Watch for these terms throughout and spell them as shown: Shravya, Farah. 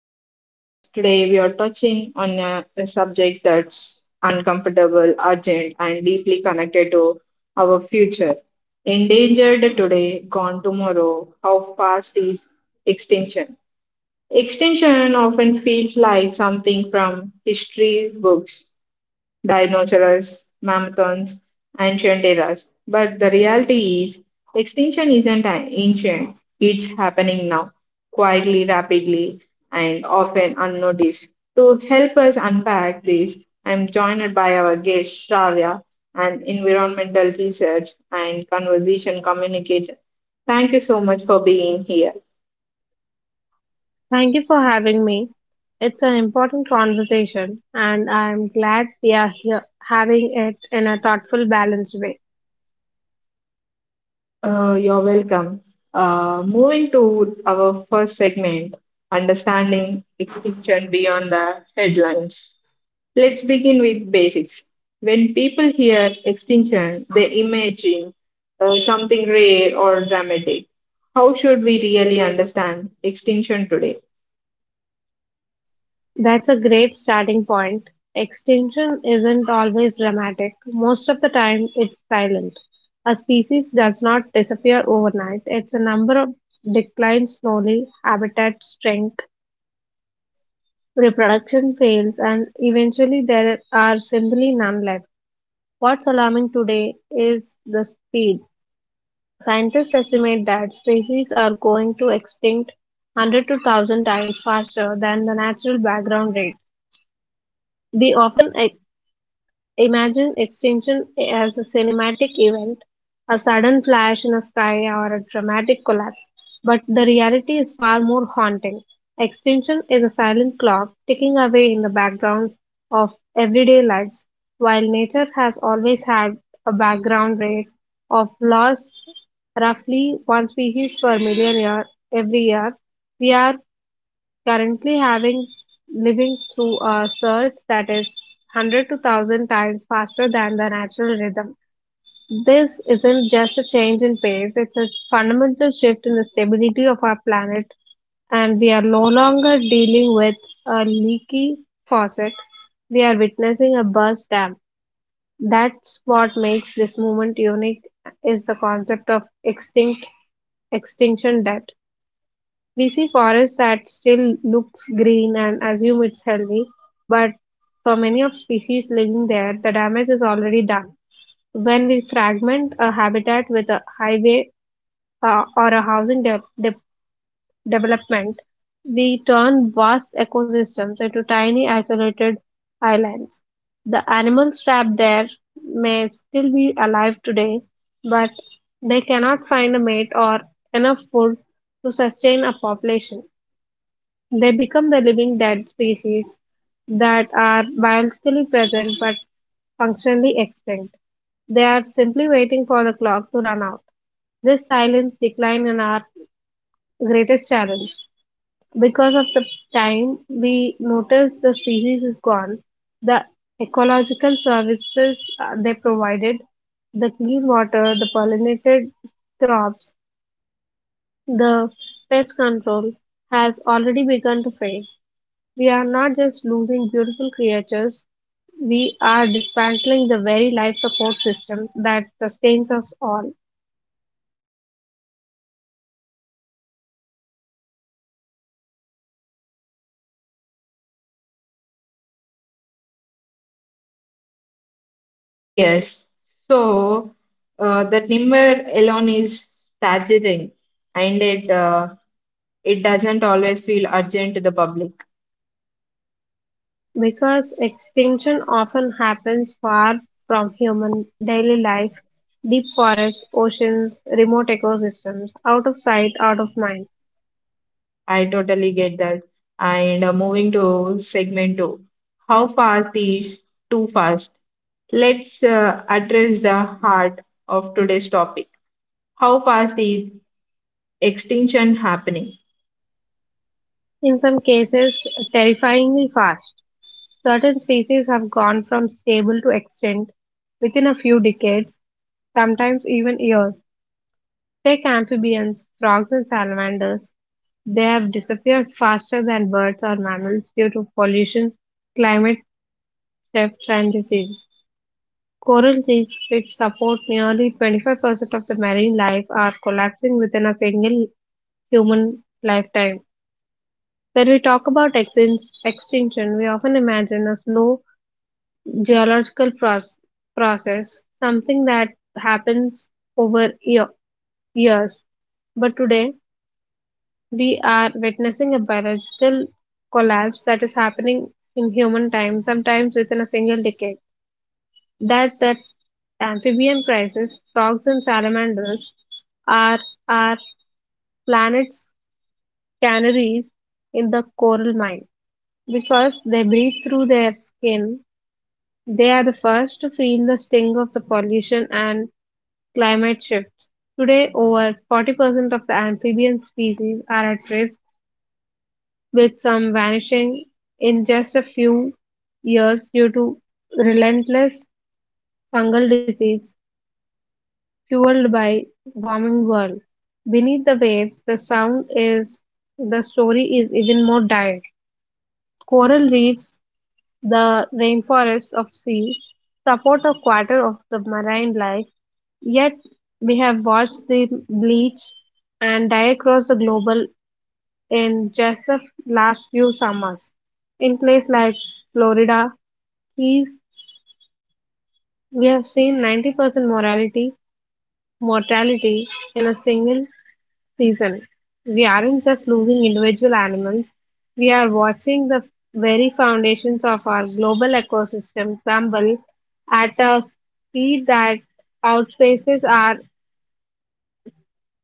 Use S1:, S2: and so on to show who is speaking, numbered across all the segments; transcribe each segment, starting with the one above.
S1: the podcast. Today, we are touching on a subject that's uncomfortable, urgent, and deeply connected to our future. Endangered today, gone tomorrow. How fast is extinction? Extinction often feels like something from history books: dinosaurs, mammoths, ancient eras. But the reality is, extinction isn't an ancient, it's happening now, quietly, rapidly, and often unnoticed. To help us unpack this, I'm joined by our guest, Shravya, an environmental research and conversation communicator. Thank you so much for being here.
S2: Thank you for having me. It's an important conversation, and I'm glad we are here having it in a thoughtful, balanced way.
S1: You're welcome. Moving to our first segment, understanding extinction beyond the headlines. Let's begin with basics. When people hear extinction, they imagine something rare or dramatic. How should we really understand extinction today?
S2: That's a great starting point. Extinction isn't always dramatic. Most of the time, it's silent. A species does not disappear overnight. It's a number of declines slowly, habitat shrink, reproduction fails, and eventually there are simply none left. What's alarming today is the speed. Scientists estimate that species are going to extinct 100 to 1000 times faster than the natural background rate. They often e- Imagine extinction as a cinematic event, a sudden flash in the sky, or a dramatic collapse. But the reality is far more haunting. Extinction is a silent clock ticking away in the background of everyday lives, while nature has always had a background rate of loss roughly one species per million year every year. We are currently having living through a surge that is 100 to 1000 times faster than the natural rhythm. This isn't just a change in pace, it's a fundamental shift in the stability of our planet, and we are no longer dealing with a leaky faucet. We are witnessing a burst dam. That's what makes this movement unique is the concept of extinction debt. We see forests that still looks green and assume it's healthy, but for many of species living there, the damage is already done. When we fragment a habitat with a highway, or a housing development, we turn vast ecosystems into tiny isolated islands. The animals trapped there may still be alive today, but they cannot find a mate or enough food to sustain a population. They become the living dead species that are biologically present but functionally extinct. They are simply waiting for the clock to run out. This silence decline is our greatest challenge. Because of the time we notice the species is gone, the ecological services they provided, the clean water, the pollinated crops, the pest control has already begun to fade. We are not just losing beautiful creatures, we are dismantling the very life support system that sustains us all.
S1: Yes, so the number alone is staggering, and it doesn't always feel urgent to the public.
S2: Because extinction often happens far from human daily life, deep forests, oceans, remote ecosystems, out of sight, out of mind.
S1: I totally get that. And moving to segment two, how fast is too fast? Let's address the heart of today's topic. How fast is extinction happening?
S2: In some cases, terrifyingly fast. Certain species have gone from stable to extinct within a few decades, sometimes even years. Take amphibians, frogs and salamanders. They have disappeared faster than birds or mammals due to pollution, climate shift, and disease. Coral reefs, which support nearly 25% of the marine life, are collapsing within a single human lifetime. When we talk about extinction, we often imagine a slow geological process, something that happens over years. But today, we are witnessing a biological collapse that is happening in human time, sometimes within a single decade. That amphibian crisis, frogs and salamanders are our planet's canaries in the coral mine. Because they breathe through their skin, they are the first to feel the sting of the pollution and climate shift. Today, over 40% of the amphibian species are at risk with some vanishing in just a few years due to relentless fungal disease fueled by warming world. Beneath the waves, the story is even more dire. Coral reefs, the rainforests of sea, support a quarter of the marine life, yet we have watched them bleach and die across the global in just the last few summers. In places like Florida Keys, we have seen 90% morality mortality in a single season. We aren't just losing individual animals, we are watching the very foundations of our global ecosystem crumble at a speed that outpaces our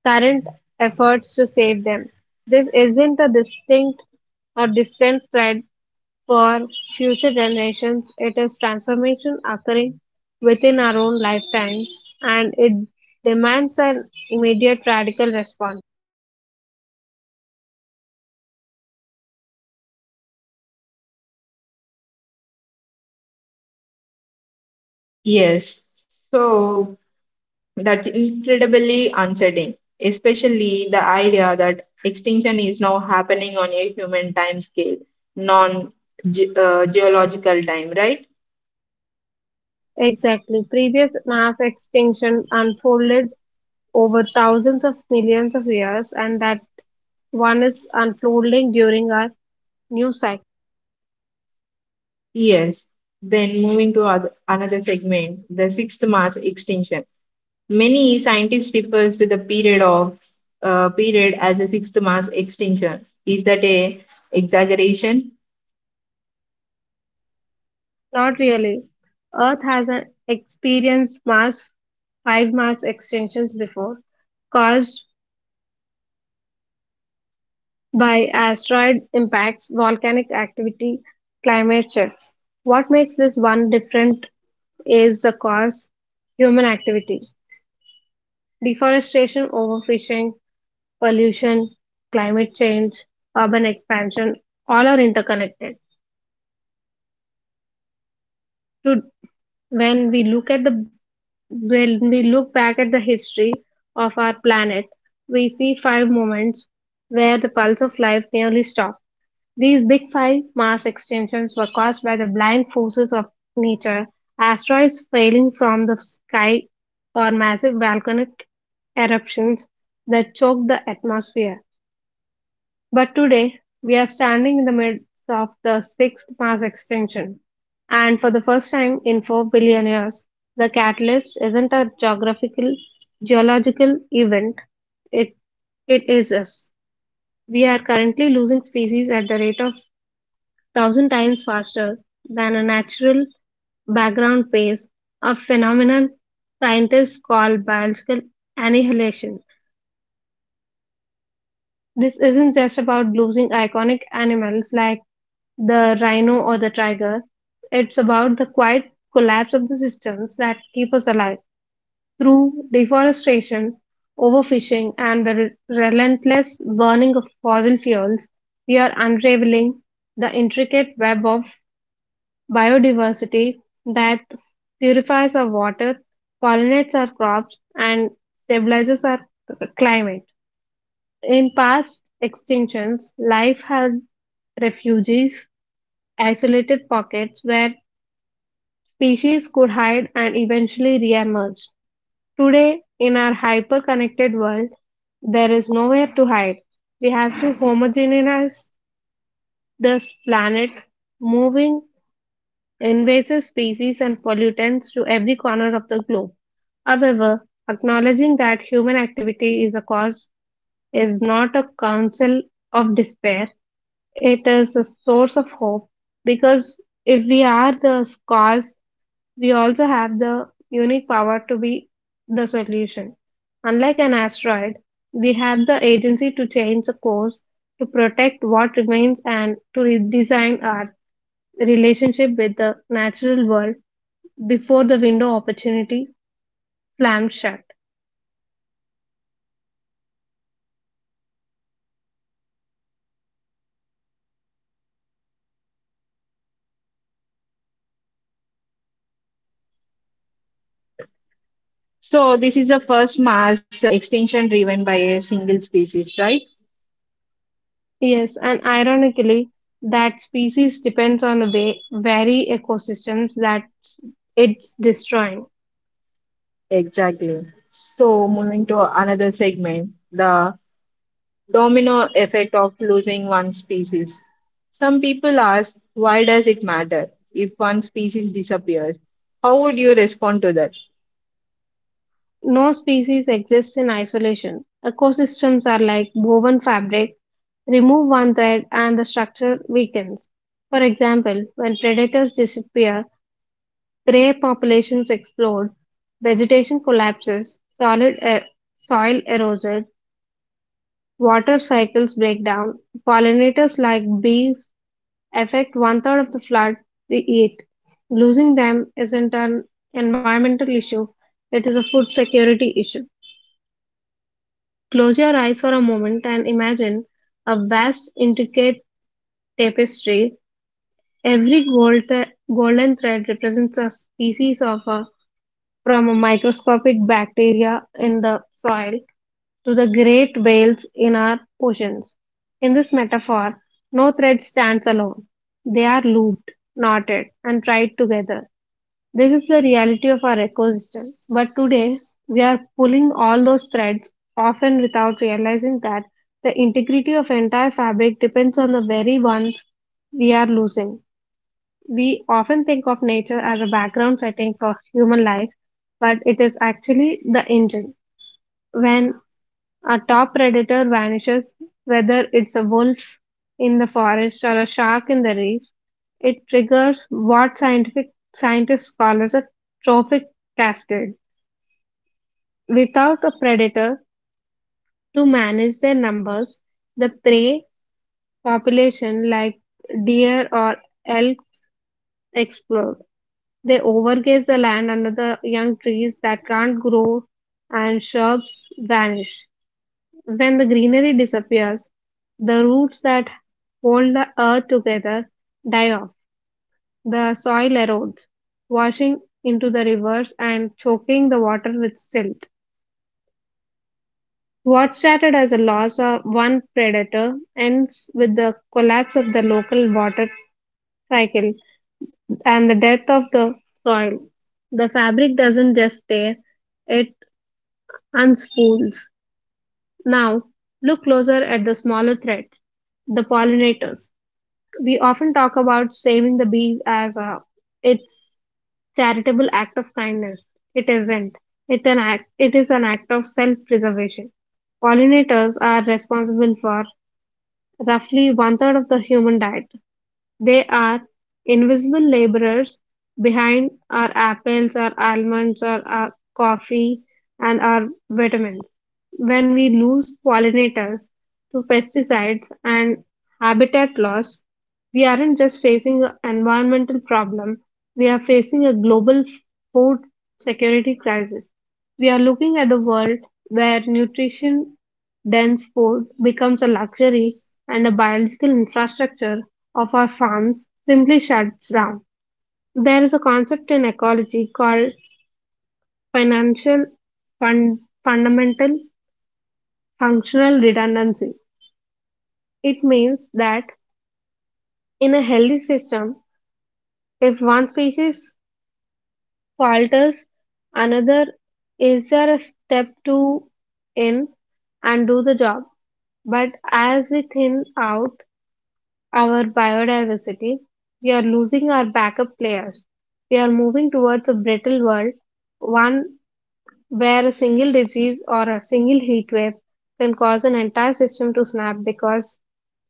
S2: current efforts to save them. This isn't a distinct or distant threat for future generations, it is transformation occurring within our own lifetimes and it demands an immediate radical response.
S1: Yes, so that's incredibly uncertain, especially the idea that extinction is now happening on a human time scale, non geological time, right?
S2: Exactly. Previous mass extinction unfolded over thousands of millions of years, and that one is unfolding during our new cycle.
S1: Yes. Then moving to another segment, the sixth mass extinction. Many scientists refers to the period of period as a sixth mass extinction. Is that a exaggeration?
S2: Not really. Earth has five mass extinctions before, caused by asteroid impacts, volcanic activity, climate shifts. What makes this one different is the cause, human activity. Deforestation, overfishing, pollution, climate change, urban expansion, all are interconnected. To, when we look at the When we look back at the history of our planet, we see five moments where the pulse of life nearly stopped. These Big Five Mars extinctions were caused by the blind forces of nature, asteroids falling from the sky, or massive volcanic eruptions that choked the atmosphere. But today, we are standing in the midst of the sixth Mars extinction. And for the first time in 4 billion years, the catalyst isn't a geological event, it, it is us. We are currently losing species at the rate of thousand times faster than a natural background pace, a phenomenon scientists call biological annihilation. This isn't just about losing iconic animals like the rhino or the tiger, it's about the quiet collapse of the systems that keep us alive through deforestation, overfishing, and the relentless burning of fossil fuels. We are unraveling the intricate web of biodiversity that purifies our water, pollinates our crops, and stabilizes our climate. In past extinctions, life had refuges, isolated pockets where species could hide and eventually reemerge. Today, in our hyper connected world, there is nowhere to hide. We have to homogenize this planet, moving invasive species and pollutants to every corner of the globe. However, acknowledging that human activity is a cause is not a counsel of despair. It is a source of hope because if we are the cause, we also have the unique power to be the solution. Unlike an asteroid, we have the agency to change the course, to protect what remains, and to redesign our relationship with the natural world before the window of opportunity slams shut.
S1: So this is the first mass extinction driven by a single species, right?
S2: Yes, and ironically, that species depends on the way very ecosystems that it's destroying.
S1: Exactly. So moving to another segment, the domino effect of losing one species. Some people ask, why does it matter if one species disappears? How would you respond to that?
S2: No species exists in isolation. Ecosystems are like woven fabric. Remove one thread and the structure weakens. For example, when predators disappear, prey populations explode, vegetation collapses, solid soil erodes, water cycles break down, pollinators like bees affect one third of the flood they eat. Losing them isn't an environmental issue, it is a food security issue. Close your eyes for a moment and imagine a vast, intricate tapestry. Every golden thread represents a species of a, from a microscopic bacteria in the soil to the great whales in our oceans. In this metaphor, no thread stands alone. They are looped, knotted, and tied together. This is the reality of our ecosystem. But today, we are pulling all those threads, often without realizing that the integrity of entire fabric depends on the very ones we are losing. We often think of nature as a background setting for human life, but it is actually the engine. When a top predator vanishes, whether it's a wolf in the forest or a shark in the reef, it triggers what scientific scientists call as a trophic cascade. Without a predator to manage their numbers, the prey population like deer or elk explode. They overgraze the land under the young trees that can't grow and shrubs vanish. When the greenery disappears, the roots that hold the earth together die off. The soil erodes, washing into the rivers and choking the water with silt. What started as a loss of one predator ends with the collapse of the local water cycle and the death of the soil. The fabric doesn't just tear, it unspools. Now, look closer at the smaller threads, the pollinators. We often talk about saving the bees as a it's charitable act of kindness. It isn't. It is an act of self-preservation. Pollinators are responsible for roughly one third of the human diet. They are invisible laborers behind our apples, our almonds, or our coffee, and our vitamins. When we lose pollinators to pesticides and habitat loss, we aren't just facing an environmental problem, we are facing a global food security crisis. We are looking at the world where nutrition dense food becomes a luxury and a biological infrastructure of our farms simply shuts down. There is a concept in ecology called financial fundamental functional redundancy. It means that in a healthy system, if one species falters, another is there a step to in and do the job. But as we thin out, our biodiversity, we are losing our backup players. We are moving towards a brittle world, one where a single disease or a single heat wave can cause an entire system to snap because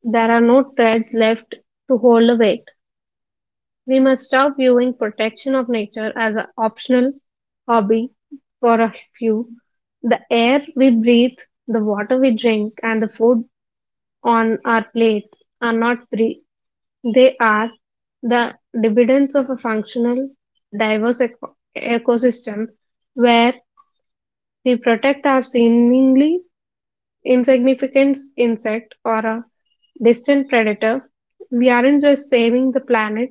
S2: there are no threads left to hold the weight. We must stop viewing protection of nature as an optional hobby for a few. The air we breathe, the water we drink, and the food on our plates are not, they are the dividends of a functional, diverse ecosystem where we protect our seemingly insignificant insect or a distant predator. We aren't just saving the planet,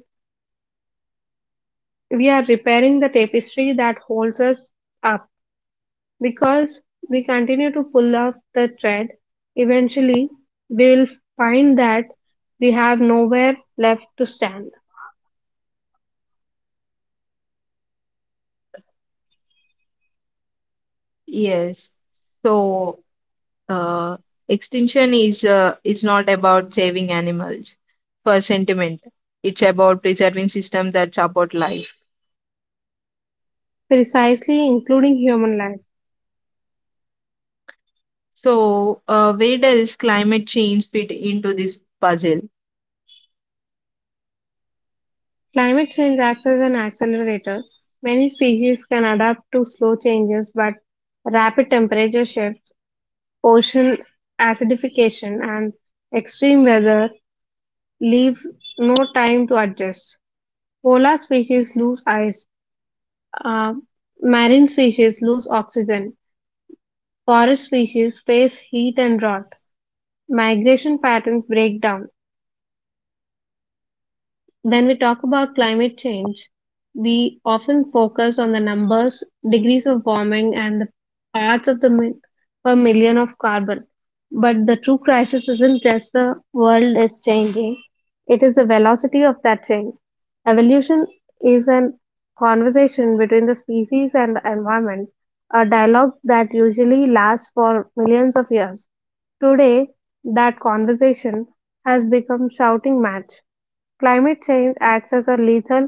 S2: we are repairing the tapestry that holds us up. Because we continue to pull off the thread, eventually we will find that we have nowhere left to stand,
S1: Yes. So uh, extinction is not about saving animals for sentiment. It's about preserving systems that support life.
S2: precisely including human life.
S1: So where does climate change fit into this puzzle?
S2: Climate change acts as an accelerator. Many species can adapt to slow changes, but rapid temperature shifts, ocean acidification, and extreme weather leave no time to adjust. Polar species lose ice, uh, marine species lose oxygen, forest species face heat and drought. Migration patterns break down. When we talk about climate change, we often focus on the numbers, degrees of warming, and the parts of the mi- per million of carbon. But the true crisis isn't just the world is changing, it is the velocity of that change. Evolution is an conversation between the species and the environment, a dialogue that usually lasts for millions of years. Today, that conversation has become shouting match. Climate change acts as a lethal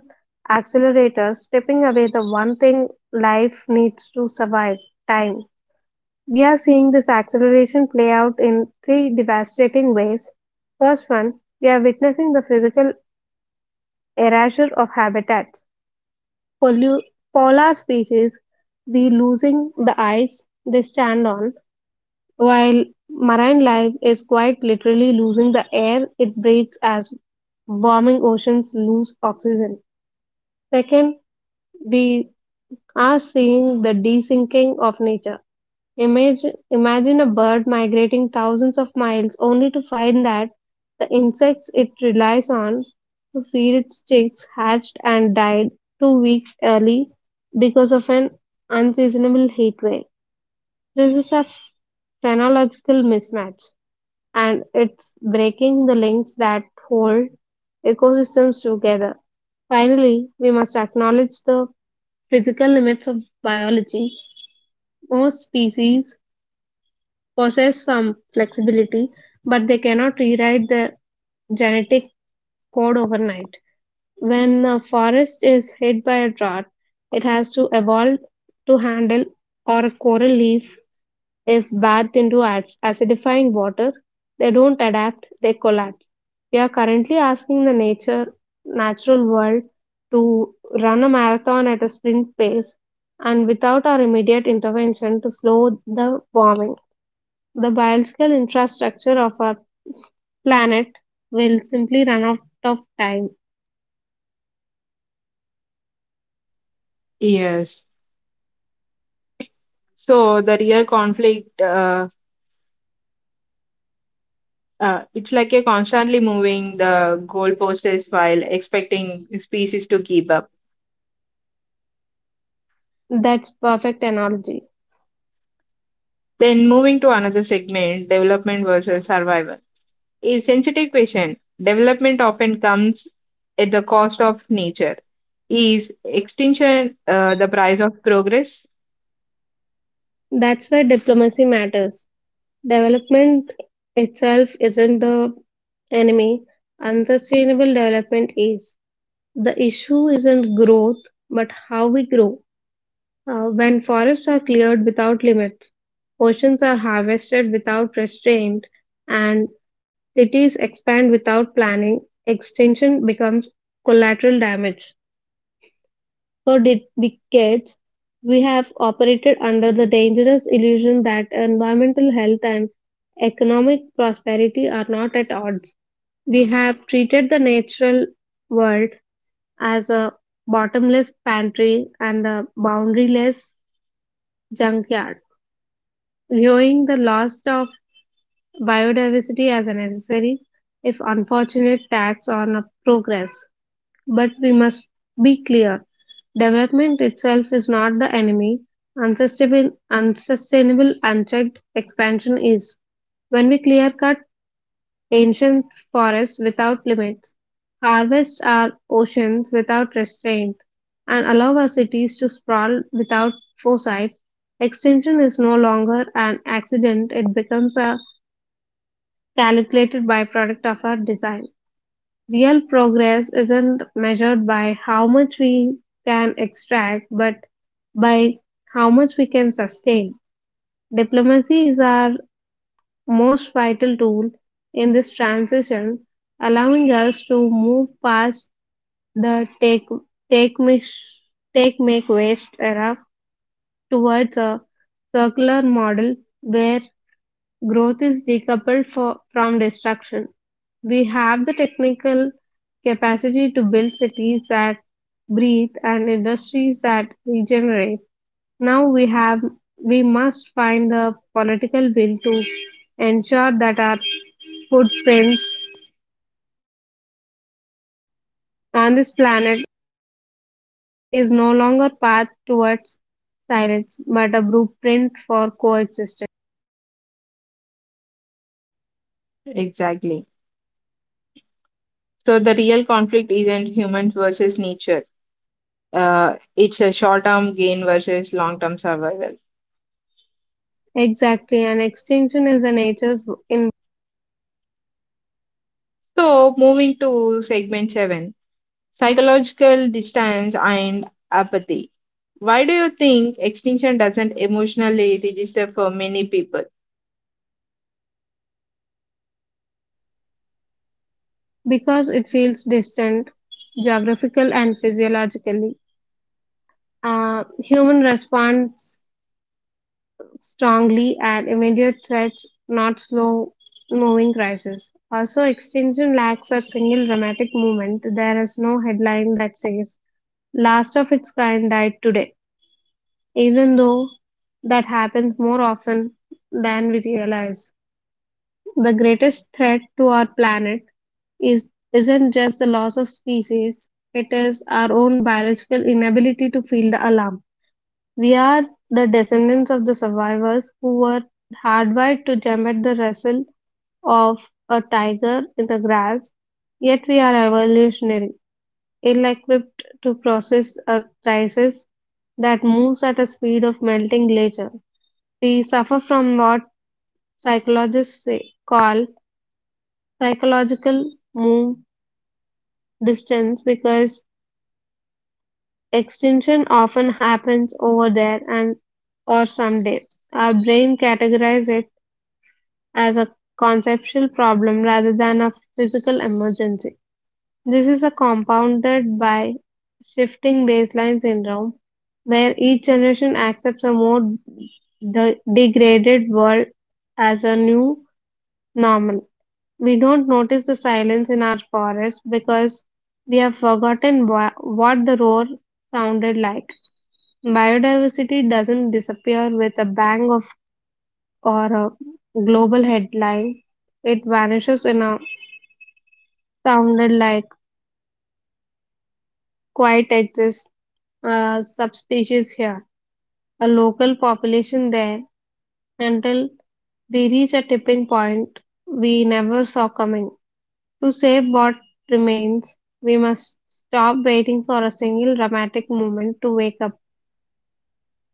S2: accelerator, stripping away the one thing life needs to survive time. We are seeing this acceleration play out in three devastating ways. First one, we are witnessing the physical erasure of habitats. Pollu- polar species be losing the ice they stand on, while marine life is quite literally losing the air it breathes as warming oceans lose oxygen. Second, we are seeing the desyncing of nature. Imagine a bird migrating thousands of miles only to find that the insects it relies on to feed its chicks hatched and died 2 weeks early because of an unseasonable heat wave. This is a phenological mismatch and it's breaking the links that hold ecosystems together. Finally, we must acknowledge the physical limits of biology. Most species possess some flexibility, but they cannot rewrite the genetic code overnight. When a forest is hit by a drought, it has to evolve to handle, or a coral leaf is bathed into acidifying water, they don't adapt, they collapse. We are currently asking the natural world to run a marathon at a sprint pace and without our immediate intervention to slow the warming. The biological infrastructure of our planet will simply run out of time.
S1: Yes. So the real conflict, it's like you're constantly moving the goalposts while expecting species to keep up.
S2: That's perfect analogy.
S1: Then moving to another segment, development versus survival. A sensitive question. Development often comes at the cost of nature. Is extinction the price of progress?
S2: That's where diplomacy matters. Development itself isn't the enemy, unsustainable development is. The issue isn't growth, but how we grow. When forests are cleared without limits, oceans are harvested without restraint, and cities expand without planning, extinction becomes collateral damage. For decades, we have operated under the dangerous illusion that environmental health and economic prosperity are not at odds. We have treated the natural world as a bottomless pantry and a boundaryless junkyard, viewing the loss of biodiversity as a necessary, if unfortunate, tax on a progress. But we must be clear. Development itself is not the enemy. Unsustainable, unchecked expansion is. When we clear cut ancient forests without limits, harvest our oceans without restraint, and allow our cities to sprawl without foresight, extinction is no longer an accident, it becomes a calculated byproduct of our design. Real progress isn't measured by how much we can extract, but by how much we can sustain. Diplomacy is our most vital tool in this transition, allowing us to move past the take mish, take make waste era towards a circular model where growth is decoupled from destruction. We have the technical capacity to build cities that breathe and industries that regenerate. Now we have we must find the political will to ensure that our footprints on this planet is no longer path towards silence but a blueprint for coexistence.
S1: Exactly. So the real conflict isn't humans versus nature. It's a short-term gain versus long-term survival.
S2: Exactly, and extinction is the nature's in
S1: So moving to segment seven, psychological distance and apathy. Why do you think extinction doesn't emotionally register for many people?
S2: because it feels distant geographical and physiologically. Human responds strongly at immediate threats, not slow moving crises. Also, extinction lacks a single dramatic moment. There is no headline that says, last of its kind died today, even though that happens more often than we realize. The greatest threat to our planet is isn't just the loss of species, it is our own biological inability to feel the alarm. We are the descendants of the survivors who were hardwired to jump at the rustle of a tiger in the grass, yet we are evolutionary, ill equipped to process a crisis that moves at a speed of melting glacier. We suffer from what call psychological move distance because extinction often happens over there and or someday. Our brain categorizes it as a conceptual problem rather than a physical emergency. This is a compounded by shifting baseline syndrome, where each generation accepts a more degraded world as a new normal. We don't notice the silence in our forests because we have forgotten what the roar sounded like. Biodiversity doesn't disappear with a bang of or a global headline. It vanishes in a sounded like quite exists a subspecies here, a local population there, until we reach a tipping point we never saw coming. To save what remains, we must stop waiting for a single dramatic moment to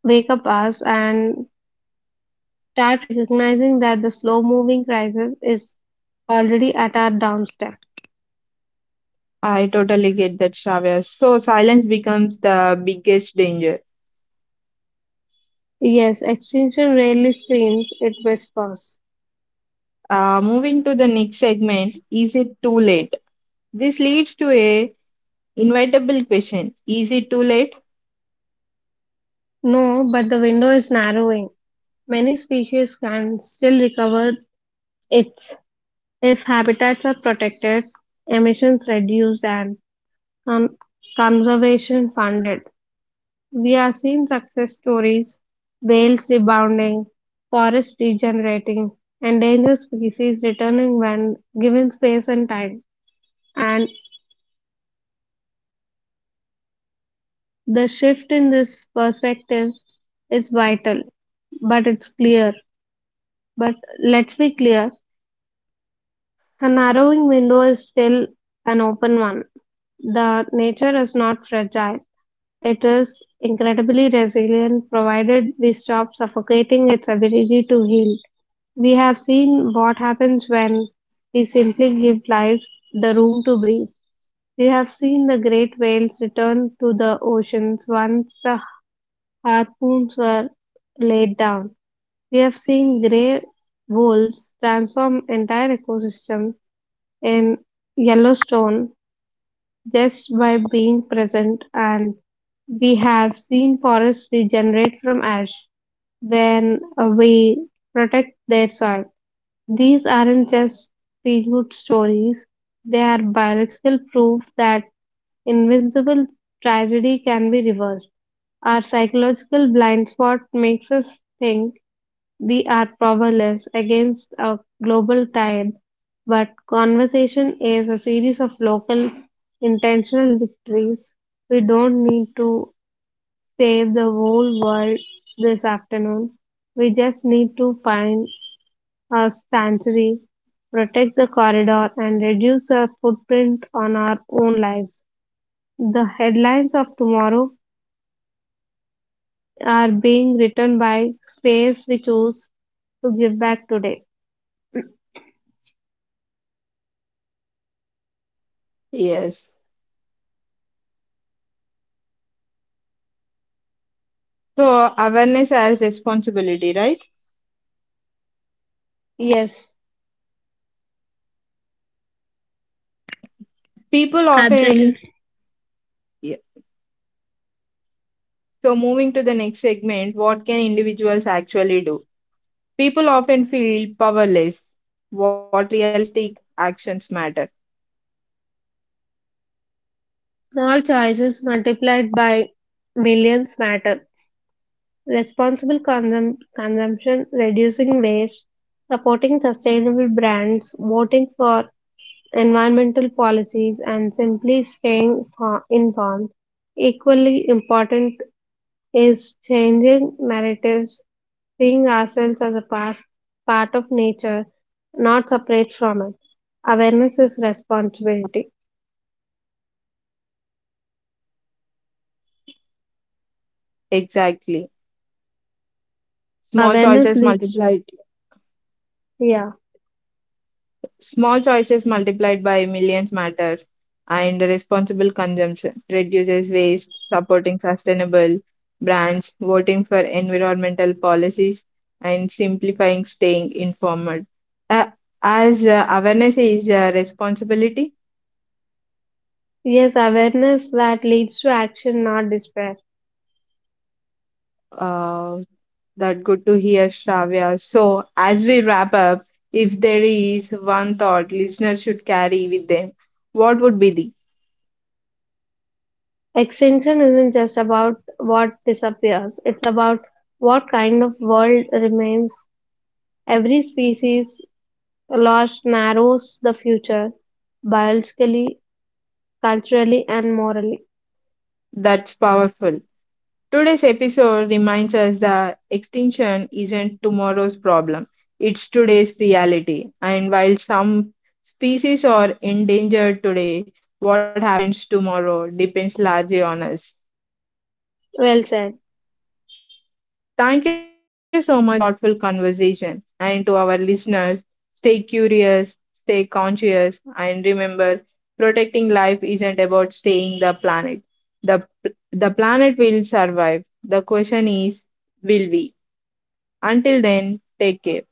S2: wake up us and start recognizing that the slow moving crisis is already at our doorstep.
S1: I totally get that, Shravya. So silence becomes the biggest danger.
S2: Yes, extinction rarely screams, it whispers.
S1: Moving to the next segment, is it too late? This leads to a inevitable question. Is it too late?
S2: No, but the window is narrowing. Many species can still recover its if habitats are protected, emissions reduced, and con- conservation funded. We have seen success stories, whales rebounding, forests regenerating, endangered species returning when given space and time. And the shift in this perspective is vital, but it's clear. But let's be clear a narrowing window is still an open one. The nature is not fragile, it is incredibly resilient provided we stop suffocating its ability to heal. We have seen what happens when we simply give life the room to breathe. We have seen the great whales return to the oceans once the harpoons were laid down. We have seen grey wolves transform entire ecosystems in Yellowstone just by being present, and we have seen forests regenerate from ash when we protect their soil. These aren't just feel-good stories, they are biological proof that invincible tragedy can be reversed. Our psychological blind spot makes us think we are powerless against a global tide, but conversation is a series of local intentional victories. We don't need to save the whole world this afternoon. We just need to find our sanctuary, protect the corridor, and reduce our footprint on our own lives. The headlines of tomorrow are being written by space we choose to give back today.
S1: Yes. So awareness as responsibility, right?
S2: Yes,
S1: People often.
S2: absolutely.
S1: Yeah. So moving to the next segment, what can individuals actually do? People often feel powerless. What realistic actions matter?
S2: Small choices multiplied by millions matter. Responsible consumption, reducing waste, supporting sustainable brands, voting for environmental policies, and simply staying informed. Equally important is changing narratives, seeing ourselves as a part of nature, not separate from it. Awareness is responsibility.
S1: Exactly. Small choices
S2: Awareness leads,
S1: multiplied
S2: yeah,
S1: Small choices multiplied by millions matter, and responsible consumption reduces waste, supporting sustainable brands, voting for environmental policies, and simplifying staying informed. Uh, as awareness is a responsibility.
S2: yes, awareness that leads to action, not despair.
S1: Uh, that good to hear, Shravya. So, as we wrap up, if there is one thought listeners should carry with them, what would be the?
S2: Extinction isn't just about what disappears, it's about what kind of world remains. Every species loss narrows the future, biologically, culturally, and morally.
S1: That's powerful. Today's episode reminds us that extinction isn't tomorrow's problem, it's today's reality. And while some species are endangered today, what happens tomorrow depends largely on us.
S2: Well said.
S1: Thank you so much for this thoughtful conversation. And to our listeners, stay curious, stay conscious, and remember protecting life isn't about staying the planet. The, the planet will survive. The question is, will we? Until then, take care.